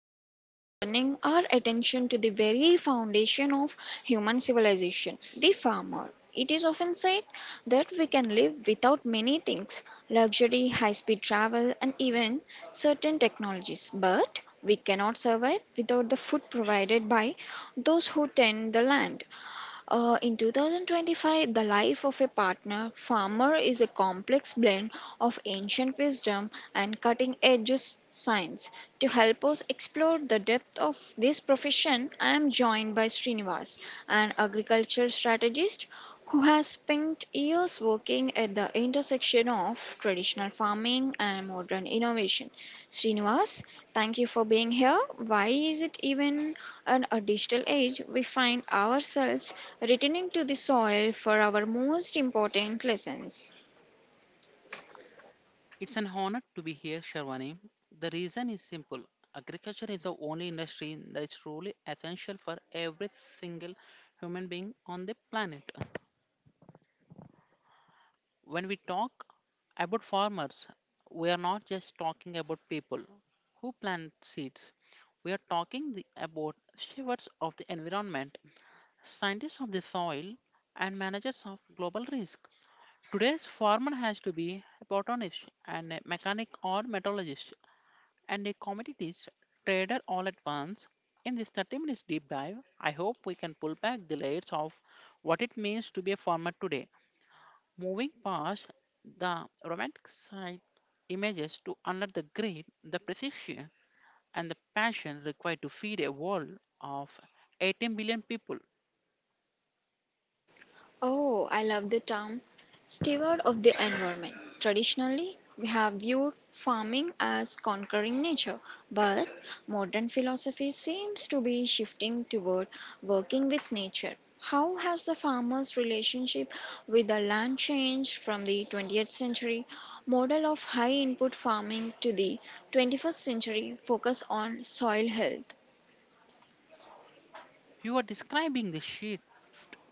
Today we are turning our attention to the very foundation of human civilization, the farmer. It is often said that we can live without many things: luxury, high speed travel, and even certain technologies. But we cannot survive without the food provided by those who tend the land. In 2025, The Life of a Partner Farmer is a complex blend of ancient wisdom and cutting edge science. To help us explore the depth of this profession, I am joined by Srinivas, an agriculture strategist who has spent years working at the intersection of traditional farming and modern innovation. Srinivas, thank you for being here. Why is it even in a digital age we find ourselves returning to the soil for our most important lessons? It's an honor to be here, Sharwani. The reason is simple. Agriculture is the only industry that is truly essential for every single human being on the planet. When we talk about farmers, we are not just talking about people who plant seeds. We are talking about stewards of the environment, scientists of the soil, and managers of global risk. Today's farmer has to be a botanist and a mechanic or metallurgist and a commodities trader all at once. In this 30 minutes deep dive, I hope we can pull back the layers of what it means to be a farmer today, moving past the romantic side images to under the grid, the precision and the passion required to feed a world of 18 billion people. Oh, I love the term steward of the environment. Traditionally, we have viewed farming as conquering nature, but modern philosophy seems to be shifting toward working with nature. How has the farmer's relationship with the land changed from the 20th century model of high input farming to the 21st century focus on soil health? You are describing the shift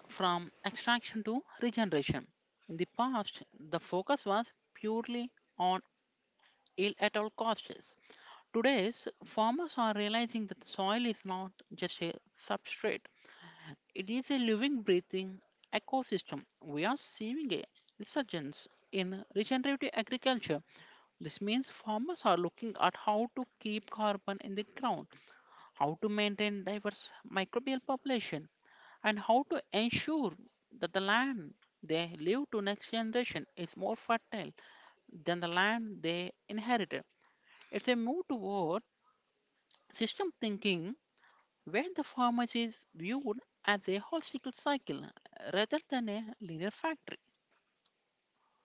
from extraction to regeneration. In the past, the focus was purely on ill at all costs. Today's farmers are realizing that soil is not just a substrate, it is a living, breathing ecosystem. We are seeing a resurgence in regenerative agriculture. This means farmers are looking at how to keep carbon in the ground, how to maintain diverse microbial population, and how to ensure that the land they leave to next generation is more fertile than the land they inherited. If they move toward system thinking where the farmer is viewed as a holistic cycle rather than a linear factory.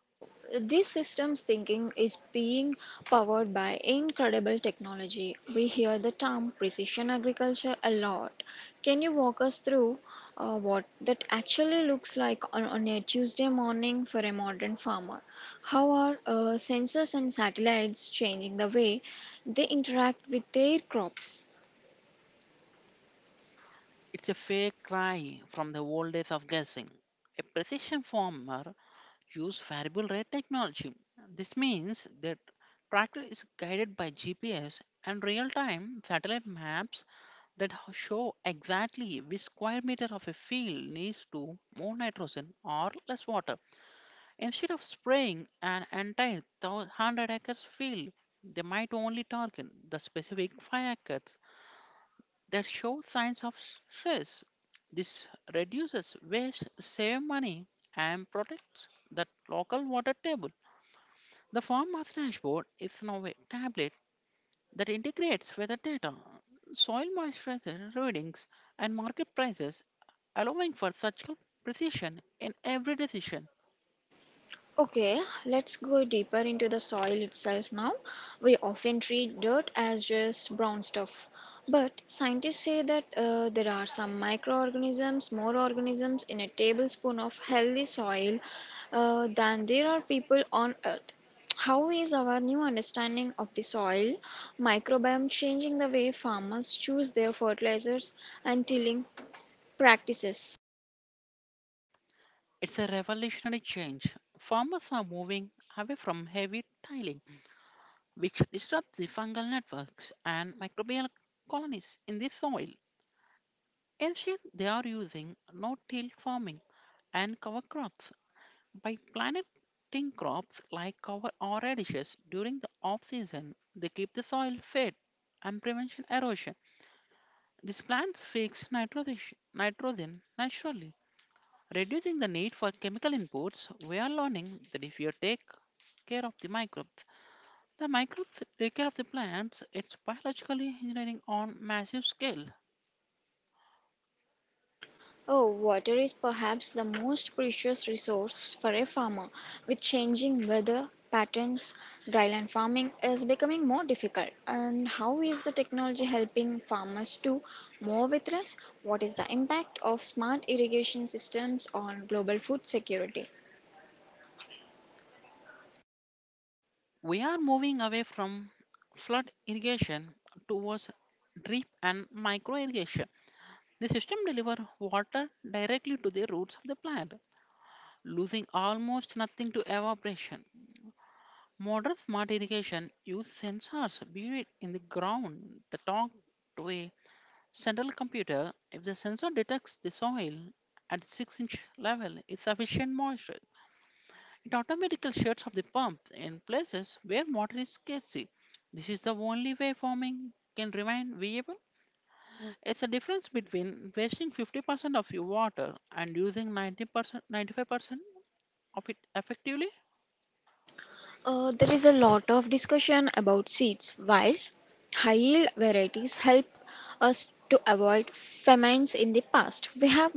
Oh, this systems thinking is being powered by incredible technology. We hear the term precision agriculture a lot. Can you walk us through what that actually looks like on a Tuesday morning for a modern farmer? How are sensors and satellites changing the way they interact with their crops? It's a fair cry from the old days of guessing. A precision farmer uses variable rate technology. This means that tractor is guided by GPS and real-time satellite maps that show exactly which square meter of a field needs to more nitrogen or less water. Instead of spraying an entire 100 acres field, they might only target the specific 5 acres that show signs of stress. This reduces waste, saves money, and protects the local water table. The farmer's dashboard is now a tablet that integrates weather data, soil moisture readings, and market prices, allowing for such precision in every decision. Okay, let's go deeper into the soil itself now. We often treat dirt as just brown stuff, but scientists say that there are some more organisms in a tablespoon of healthy soil than there are people on earth. How is our new understanding of the soil microbiome changing the way farmers choose their fertilizers and tilling practices? It's a revolutionary change. Farmers are moving away from heavy tiling, which disrupts the fungal networks and microbial colonies in the soil. Instead, they are using no-till farming and cover crops by planting crops like cover or radishes during the off-season. They keep the soil fed and prevent erosion. These plants fix nitrogen naturally reducing the need for chemical inputs, we are learning that if you take care of the microbes take care of the plants, it's biological engineering on massive scale. Oh, water is perhaps the most precious resource for a farmer. With changing weather patterns, dryland farming is becoming more difficult. And how is the technology helping farmers do more with less? What is the impact of smart irrigation systems on global food security? We are moving away from flood irrigation towards drip and micro irrigation. The system delivers water directly to the roots of the plant, losing almost nothing to evaporation. Modern smart irrigation use sensors buried in the ground that talk to a central computer, if the sensor detects the soil at 6-inch level is sufficient moisture, it automatically shuts off the pump in places where water is scarce. This is the only way farming can remain viable. It's a difference between wasting 50% of your water and using 90%, 95% of it effectively. There is a lot of discussion about seeds. While high yield varieties help us to avoid famines in the past, we have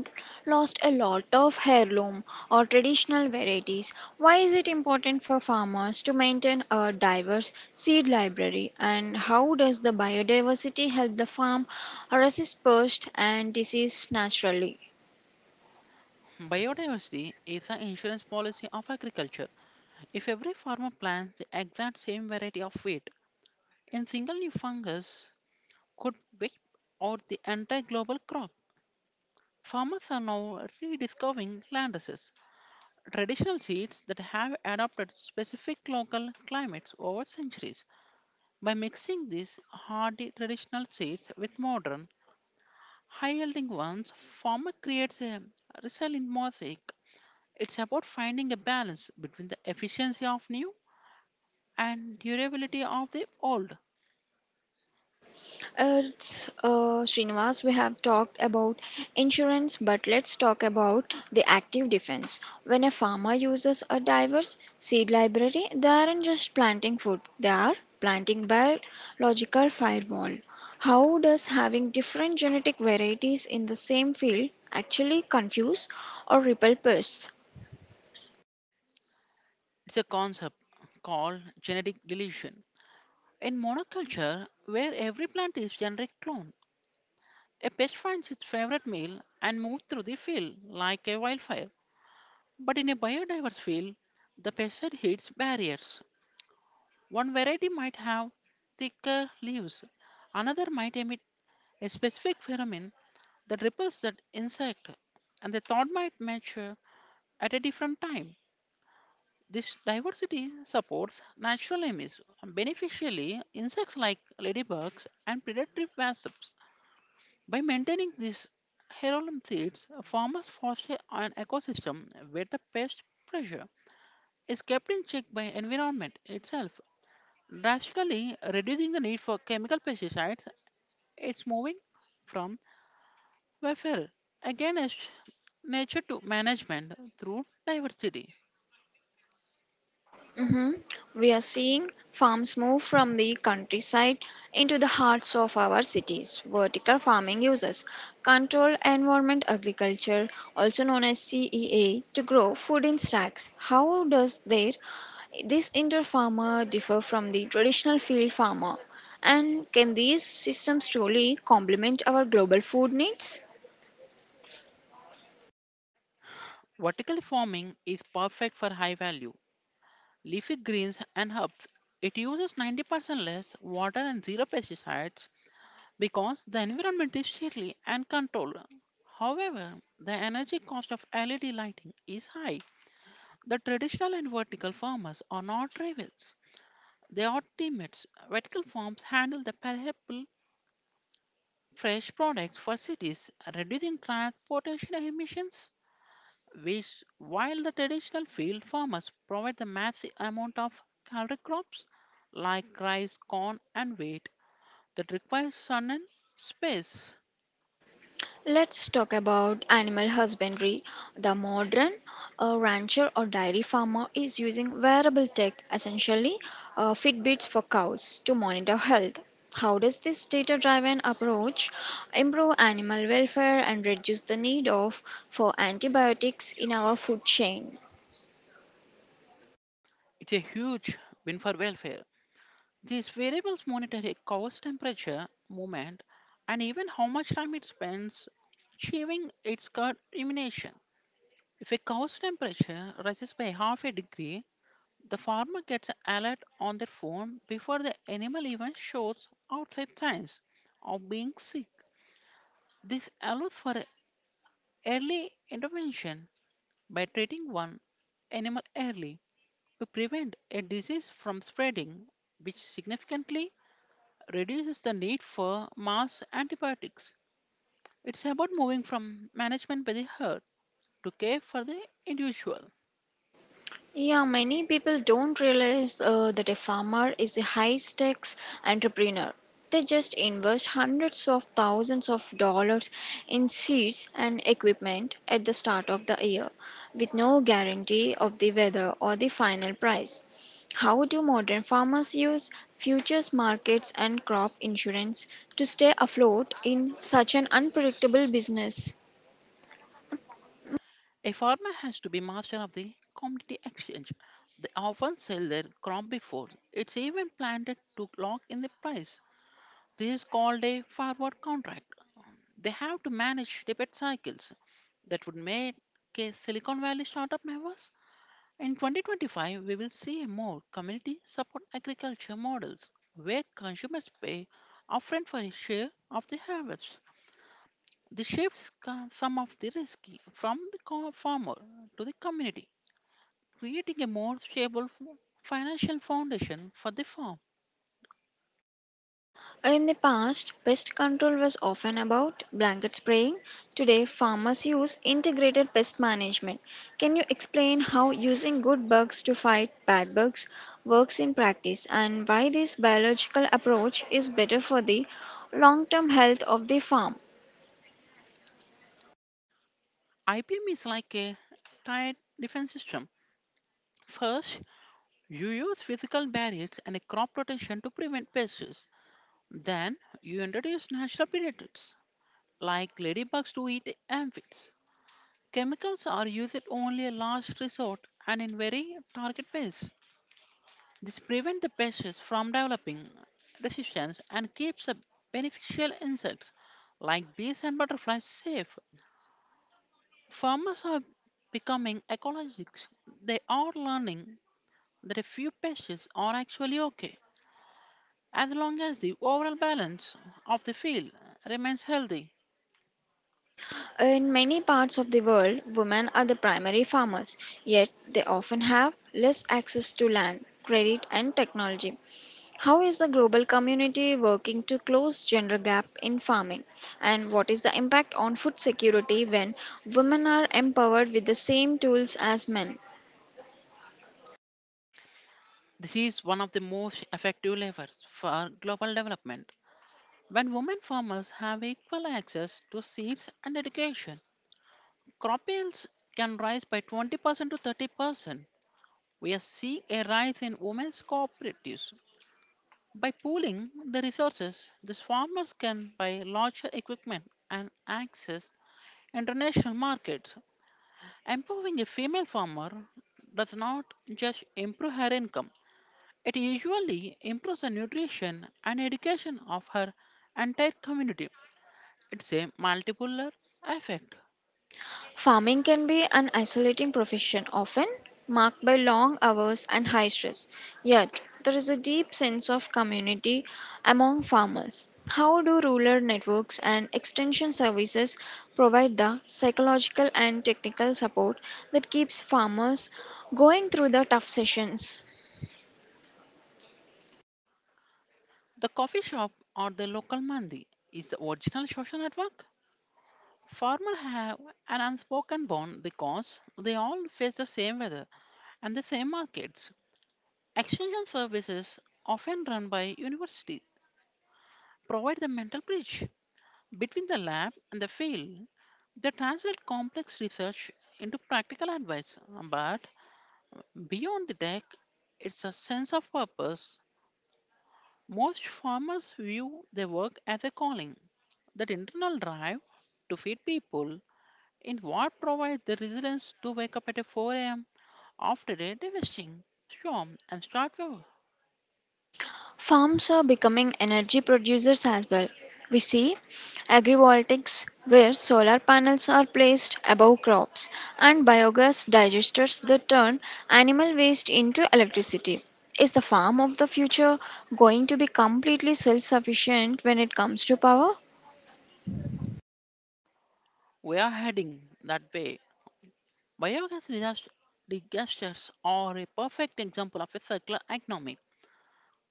lost a lot of heirloom or traditional varieties. Why is it important for farmers to maintain a diverse seed library, and how does the biodiversity help the farm resist pest and disease naturally? Biodiversity is an insurance policy of agriculture. If every farmer plants the exact same variety of wheat, in single new fungus could be, or the entire global crop. Farmers are now rediscovering landraces, traditional seeds that have adapted specific local climates over centuries. By mixing these hardy traditional seeds with modern, high yielding ones, farmer creates a resilient mosaic. It's about finding a balance between the efficiency of new and durability of the old. It's Srinivas, we have talked about insurance, but let's talk about the active defense. When a farmer uses a diverse seed library, they aren't just planting food, they are planting biological firewall. How does having different genetic varieties in the same field actually confuse or repel pests? It's a concept called genetic deletion. In monoculture, where every plant is generic clone, a pest finds its favorite meal and moves through the field like a wildfire. But in a biodiverse field, the pesticide hits barriers. One variety might have thicker leaves, another might emit a specific pheromone that repels that insect, and the third might mature at a different time. This diversity supports natural enemies, beneficially insects like ladybugs and predatory wasps. By maintaining these heirloom seeds, farmers foster an ecosystem where the pest pressure is kept in check by environment itself, drastically reducing the need for chemical pesticides. It's moving from welfare against nature to management through diversity. Mhm. We are seeing farms move from the countryside into the hearts of our cities. Vertical farming uses controlled environment agriculture, also known as CEA, to grow food in stacks. How does their this indoor farmer differ from the traditional field farmer? And can these systems truly complement our global food needs? Vertical farming is perfect for high value leafy greens and herbs. It uses 90% less water and zero pesticides because the environment is shielded and controlled. However, the energy cost of LED lighting is high. The traditional and vertical farmers are not rivals, they are teammates. Vertical farms handle the perishable fresh products for cities, reducing transportation emissions, which, while the traditional field farmers provide the massive amount of calorie crops like rice, corn, and wheat that requires sun and space. Let's talk about animal husbandry. The modern rancher or dairy farmer is using wearable tech, essentially Fitbits for cows, to monitor health. How does this data driven approach improve animal welfare and reduce the need of for antibiotics in our food chain? It's a huge win for welfare. These variables monitor a cow's temperature, movement, and even how much time it spends chewing its curd rumination. If a cow's temperature rises by half a degree, the farmer gets an alert on their phone before the animal even shows outside signs of being sick. This allows for early intervention by treating one animal early to prevent a disease from spreading, which significantly reduces the need for mass antibiotics. It's about moving from management by the herd to care for the individual. Yeah, many people don't realize that a farmer is a high stakes entrepreneur. They just invest hundreds of thousands of dollars in seeds and equipment at the start of the year with no guarantee of the weather or the final price. How do modern farmers use futures markets and crop insurance to stay afloat in such an unpredictable business? A farmer has to be master of the commodity exchange. They often sell their crop before it's even planted to lock in the price. This is called a forward contract. They have to manage debit cycles that would make a Silicon Valley startup nervous. In 2025, we will see more community support agriculture models where consumers pay upfront for a share of the harvest. This shifts some of the risk from the farmer to the community, creating a more stable financial foundation for the farm. In the past, pest control was often about blanket spraying. Today, farmers use integrated pest management. Can you explain how using good bugs to fight bad bugs works in practice and why this biological approach is better for the long term health of the farm? IPM is like a tight defense system. First, you use physical barriers and a crop protection to prevent pests. Then, you introduce natural predators like ladybugs to eat aphids. Chemicals are used only a last resort and in very target ways. This prevents the pests from developing resistance and keeps the beneficial insects like bees and butterflies safe. Farmers are becoming ecologists. They are learning that a few pests are actually okay as long as the overall balance of the field remains healthy. In many parts of the world, women are the primary farmers, yet they often have less access to land, credit, and technology. How is the global community working to close gender gap in farming? And what is the impact on food security when women are empowered with the same tools as men? This is one of the most effective levers for global development. When women farmers have equal access to seeds and education, crop yields can rise by 20% to 30%. We are seeing a rise in women's cooperatives. By pooling the resources, these farmers can buy larger equipment and access international markets. Empowering a female farmer does not just improve her income, it usually improves the nutrition and education of her entire community. It's a multipolar effect. Farming can be an isolating profession, often marked by long hours and high stress. Yet, there is a deep sense of community among farmers. How do rural networks and extension services provide the psychological and technical support that keeps farmers going through the tough sessions? The coffee shop or the local mandi is the original social network. Farmers have an unspoken bond because they all face the same weather and the same markets. Extension services, often run by universities, provide the mental bridge between the lab and the field. They translate complex research into practical advice, but beyond the tech, it's a sense of purpose. Most farmers view their work as a calling. That internal drive to feed people in what provides the resilience to wake up at 4 a.m. after a devastating storm and start over. Farms are becoming energy producers as well. We see agrivoltaics where solar panels are placed above crops and biogas digesters that turn animal waste into electricity. Is the farm of the future going to be completely self sufficient when it comes to power? We are heading that way. Biogas disas- disasters are a perfect example of a circular economy.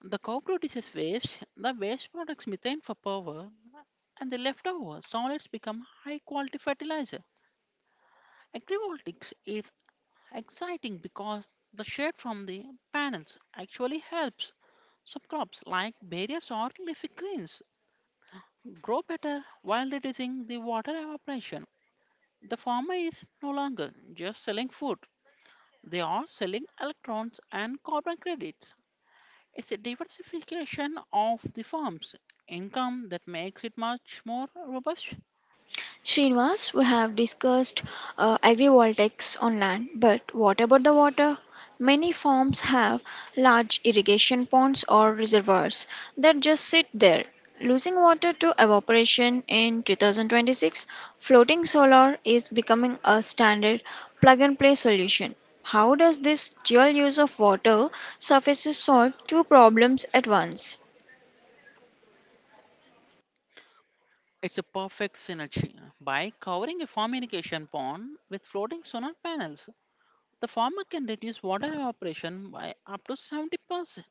The copro disease waste, the waste products methane for power, and the leftover solids become high quality fertilizer. Agrivoltaics is exciting because the shade from the panels actually helps some crops like berries or leafy greens grow better while reducing the water evaporation. The farmer is no longer just selling food, they are selling electrons and carbon credits. It's a diversification of the farm's income that makes it much more robust. Srinivas, we have discussed agrivoltaics on land, but what about the water? Many farms have large irrigation ponds or reservoirs that just sit there, losing water to evaporation. In 2026, floating solar is becoming a standard plug and play solution. How does this dual use of water surfaces solve two problems at once? It's a perfect synergy by covering a farm irrigation pond with floating solar panels. The former can reduce water evaporation by up to 70%.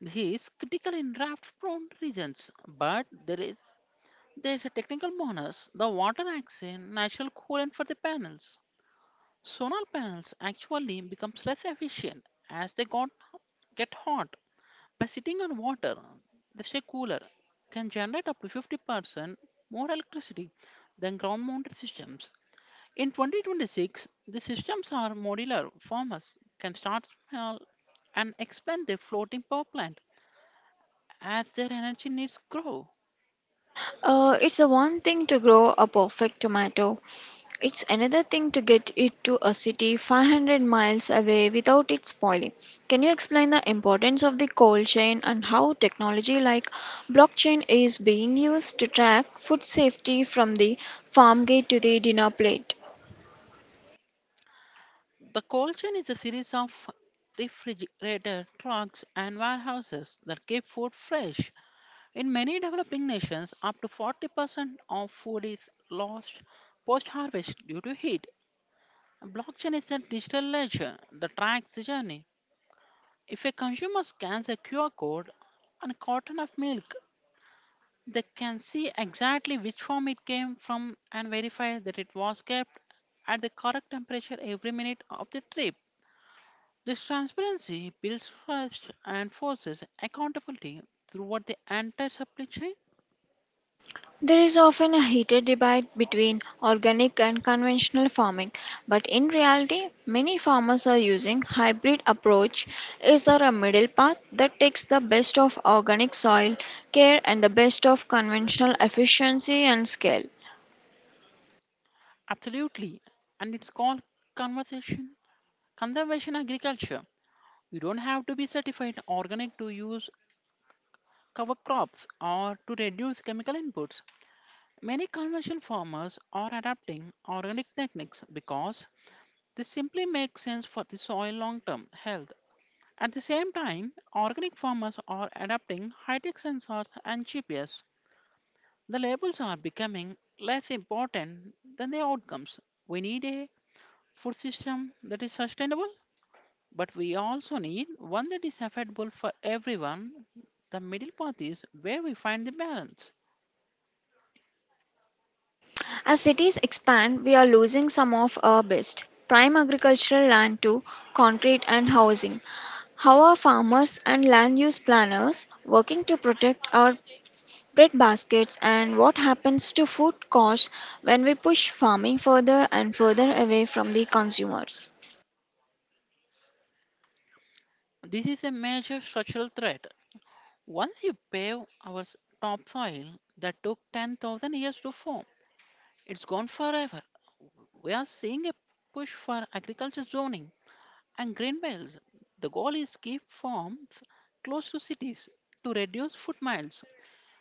This is critical in drought prone regions, but there is a technical bonus. The water acts as a natural coolant for the panels. Solar panels actually becomes less efficient as get hot. By sitting on water, they stay cooler, can generate up to 50% more electricity than ground mounted systems. In 2026, the systems are modular. Farmers can start small and expand their floating power plant as their energy needs grow. It's the one thing to grow a perfect tomato. It's another thing to get it to a city 500 miles away without it spoiling. Can you explain the importance of the cold chain and how technology like blockchain is being used to track food safety from the farm gate to the dinner plate? The cold chain is a series of refrigerator trucks and warehouses that keep food fresh. In many developing nations, up to 40% of food is lost post harvest due to heat. Blockchain is a digital ledger that tracks the journey. If a consumer scans a QR code, and a carton of milk, they can see exactly which form it came from and verify that it was kept at the correct temperature every minute of the trip. This transparency builds trust and forces accountability throughout the entire supply chain. There is often a heated debate between organic and conventional farming, but in reality, many farmers are using hybrid approach. Is there a middle path that takes the best of organic soil care and the best of conventional efficiency and scale? Absolutely. And it's called conservation, conservation agriculture. You don't have to be certified organic to use cover crops or to reduce chemical inputs. Many conventional farmers are adapting organic techniques because this simply makes sense for the soil long term health. At the same time, organic farmers are adapting high tech sensors and GPS. The labels are becoming less important than the outcomes. We need a food system that is sustainable, but we also need one that is affordable for everyone. The middle path is where we find the balance. As cities expand, we are losing some of our best prime agricultural land to concrete and housing. How are farmers and land use planners working to protect our bread baskets, and what happens to food costs when we push farming further and further away from the consumers? This is a major structural threat. Once you pave topsoil that took 10,000 years to form, it's gone forever. We are seeing a push for agriculture zoning and green belts. The goal is keep farms close to cities to reduce foot miles.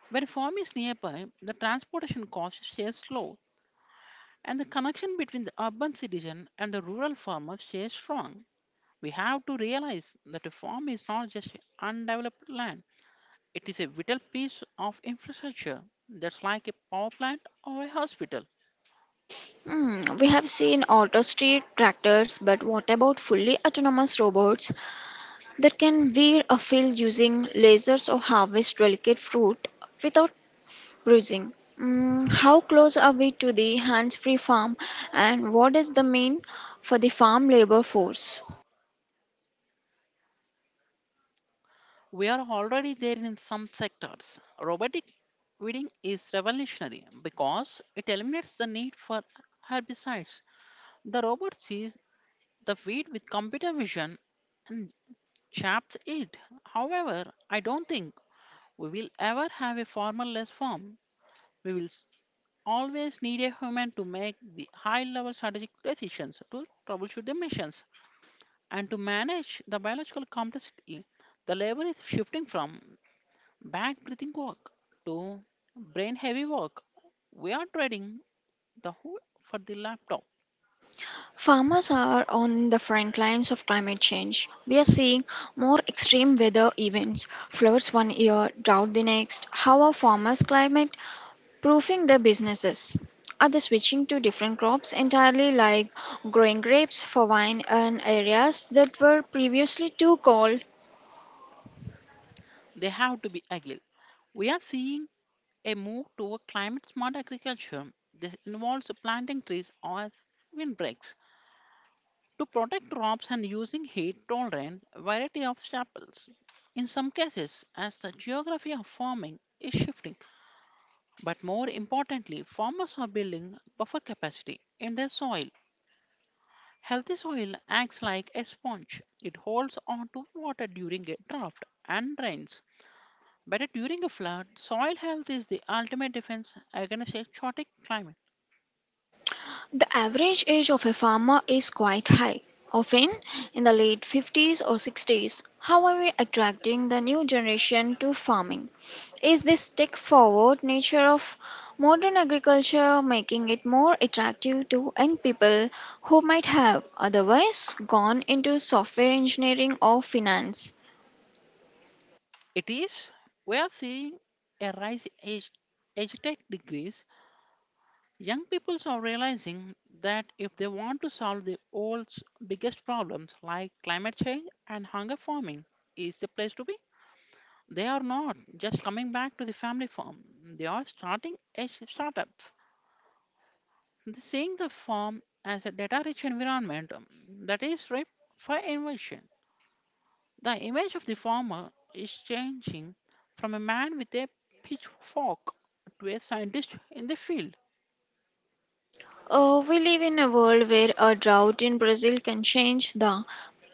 When a farm is nearby, the transportation costs share slow and the connection between the urban citizen and the rural farmer stays strong. We have to realize that a farm is not just undeveloped land. It is a vital piece of infrastructure that's like a power plant or a hospital. Hmm, we have seen auto street tractors, but what about fully autonomous robots that can weed a field using lasers or harvest delicate fruit without bruising? Mm, how close are we to the hands free farm, and what does the mean for the farm labor force? We are already there in some sectors. Robotic weeding is revolutionary because it eliminates the need for herbicides. The robot sees the weed with computer vision and chaps it. However, I don't think we will ever have a formal-less farm. We will s- always need a human to make the high-level strategic decisions, to troubleshoot the missions, and to manage the biological complexity. The labor is shifting from back breathing walk to brain heavy walk. We are trading the hood for the laptop. Farmers are on the front lines of climate change. We are seeing more extreme weather events, floods one year, drought the next. How are farmers climate proofing their businesses? Are they switching to different crops entirely, like growing grapes for wine in areas that were previously too cold? They have to be agile. We are seeing a move toward climate smart agriculture. This involves planting trees as windbreaks to protect crops and using heat tolerant variety of staples. In some cases, as the geography of farming is shifting, but more importantly, farmers are building buffer capacity in their soil. Healthy soil acts like a sponge. It holds on to water during a drought and rains. But during a flood, soil health is the ultimate defense against a chaotic climate. The average age of a farmer is quite high, often in the late 50s or 60s. How are we attracting the new generation to farming? Is this tech forward nature of modern agriculture making it more attractive to young people who might have otherwise gone into software engineering or finance? It is, we are seeing a rise in age tech degrees. Young people are realizing that if they want to solve the world's biggest problems like climate change and hunger farming is the place to be. They are not just coming back to the family farm. They are starting a startup. The seeing the farm as a data rich environment, that is ripe for innovation. The image of the farmer is changing from a man with a pitchfork to a scientist in the field. We live in a world where a drought in Brazil can change the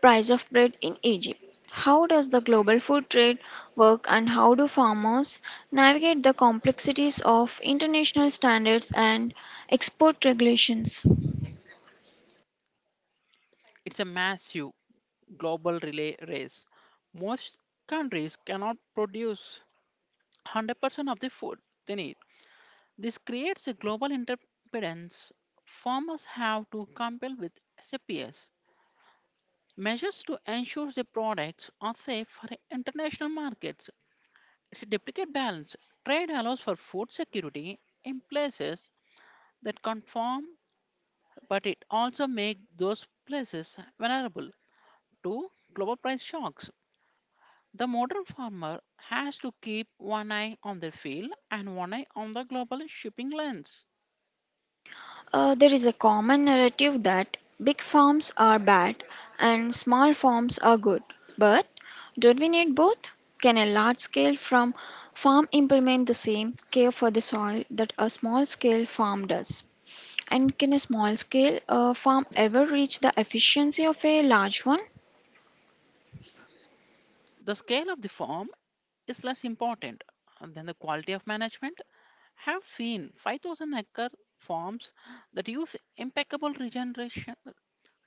price of bread in Egypt. How does the global food trade work and how do farmers navigate the complexities of international standards and export regulations? It's a massive global relay race. Most countries cannot produce 100% of the food they need. This creates a global interdependence. Farmers have to compete with SAPs measures to ensure the products are safe for international markets. It's a delicate balance. Trade allows for food security in places that conform, but it also makes those places vulnerable to global price shocks. The modern farmer has to keep one eye on the field and one eye on the global shipping lanes. There is a common narrative that big farms are bad and small farms are good. But don't we need both? Can a large scale farm implement the same care for the soil that a small scale farm does? And can a small scale farm ever reach the efficiency of a large one? The scale of the firm is less important than the quality of management. Have seen 5,000 acre farms that use impeccable regeneration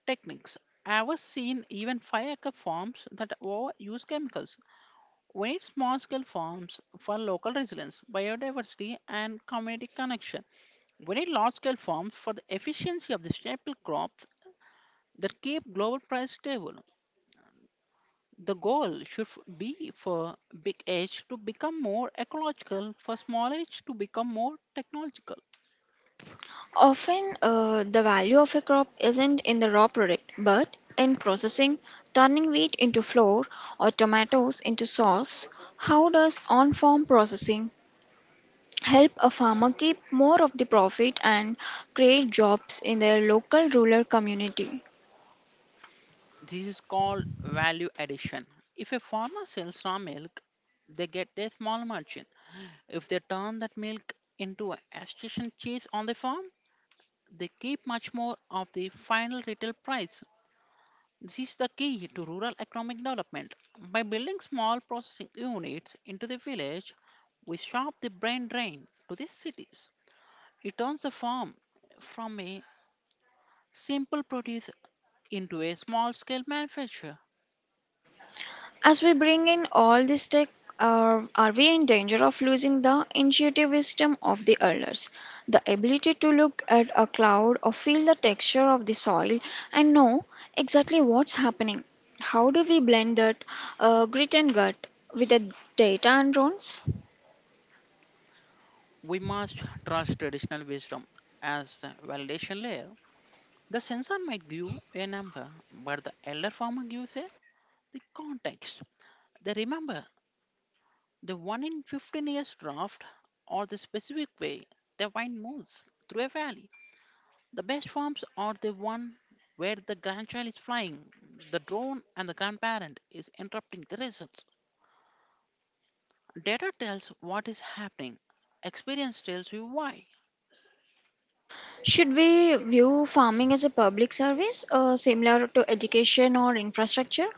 techniques. I have seen even 5-acre farms that overuse chemicals. We need small scale farms for local resilience, biodiversity, and community connection. We need large scale farms for the efficiency of the staple crops that keep global price stable. The goal should f- be for big H to become more ecological, for small H to become more technological. Often, the value of a crop isn't in the raw product, but in processing, turning wheat into flour or tomatoes into sauce. How does on farm processing help a farmer keep more of the profit and create jobs in their local rural community? This is called value addition. If a farmer sells raw milk, they get a small margin. If they turn that milk into a station cheese on the farm, they keep much more of the final retail price. This is the key to rural economic development. By building small processing units into the village, we stop the brain drain to the cities. It turns the farm from a simple produce into a small scale manufacture. As we bring in all this tech, are we in danger of losing the intuitive wisdom of the elders? The ability to look at a cloud or feel the texture of the soil and know exactly what's happening. How do we blend that grit and gut with the data and drones? We must trust traditional wisdom as a validation layer. The sensor might give a number, but the elder farmer gives the context. They remember the 1 in 15 years draft or the specific way the wine moves through a valley. The best farms are the one where the grandchild is flying, the drone, and the grandparent is interrupting the results. Data tells what is happening. Experience tells you why. Should we view farming as a public service, similar to education or infrastructure?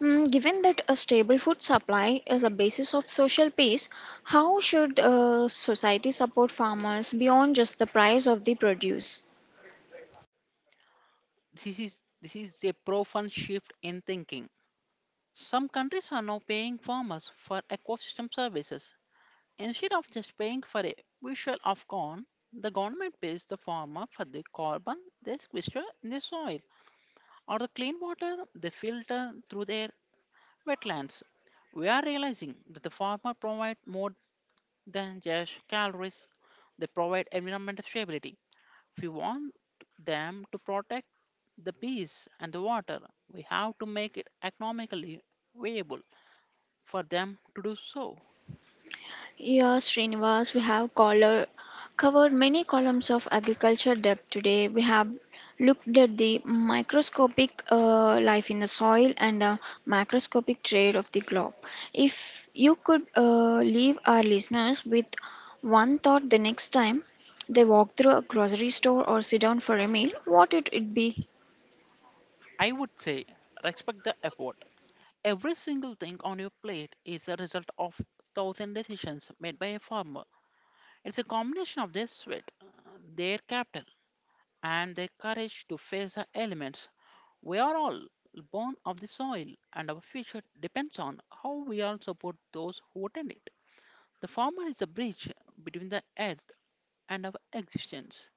Mm, given that a stable food supply is a basis of social peace, how should society support farmers beyond just the price of the produce? This is a profound shift in thinking. Some countries are now paying farmers for ecosystem services. Instead of just paying for a bushel of corn, the government pays the farmer for the carbon they sequester in the soil or the clean water they filter through their wetlands. We are realizing that the farmer provide more than just calories. They provide environmental stability. If we want them to protect the bees and the water, we have to make it economically viable for them to do so. Yeah, Srinivas, we have color, covered many columns of agriculture depth today. We have looked at the microscopic life in the soil and the macroscopic trade of the globe. If you could leave our listeners with one thought the next time they walk through a grocery store or sit down for a meal, what would it would be? I would say respect the effort. Every single thing on your plate is the result of thousand decisions made by a farmer. It's a combination of their sweat, their capital, and their courage to face the elements. We are all born of the soil, and our future depends on how we all support those who attend it. The former is a bridge between the earth and our existence.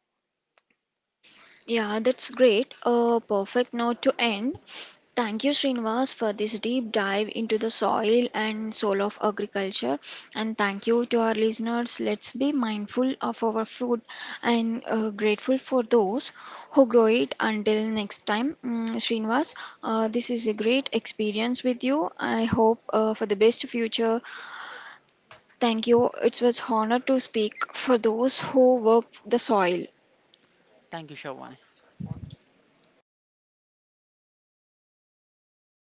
Yeah, that's great. A perfect note to end. Thank you, Srinivas, for this deep dive into the soil and soul of agriculture. And thank you to our listeners. Let's be mindful of our food and grateful for those who grow it. Until next time, mm, Srinivas, this is a great experience with you. I hope for the best future. Thank you. It was honor to speak for those who work the soil. Thank you, Shawan.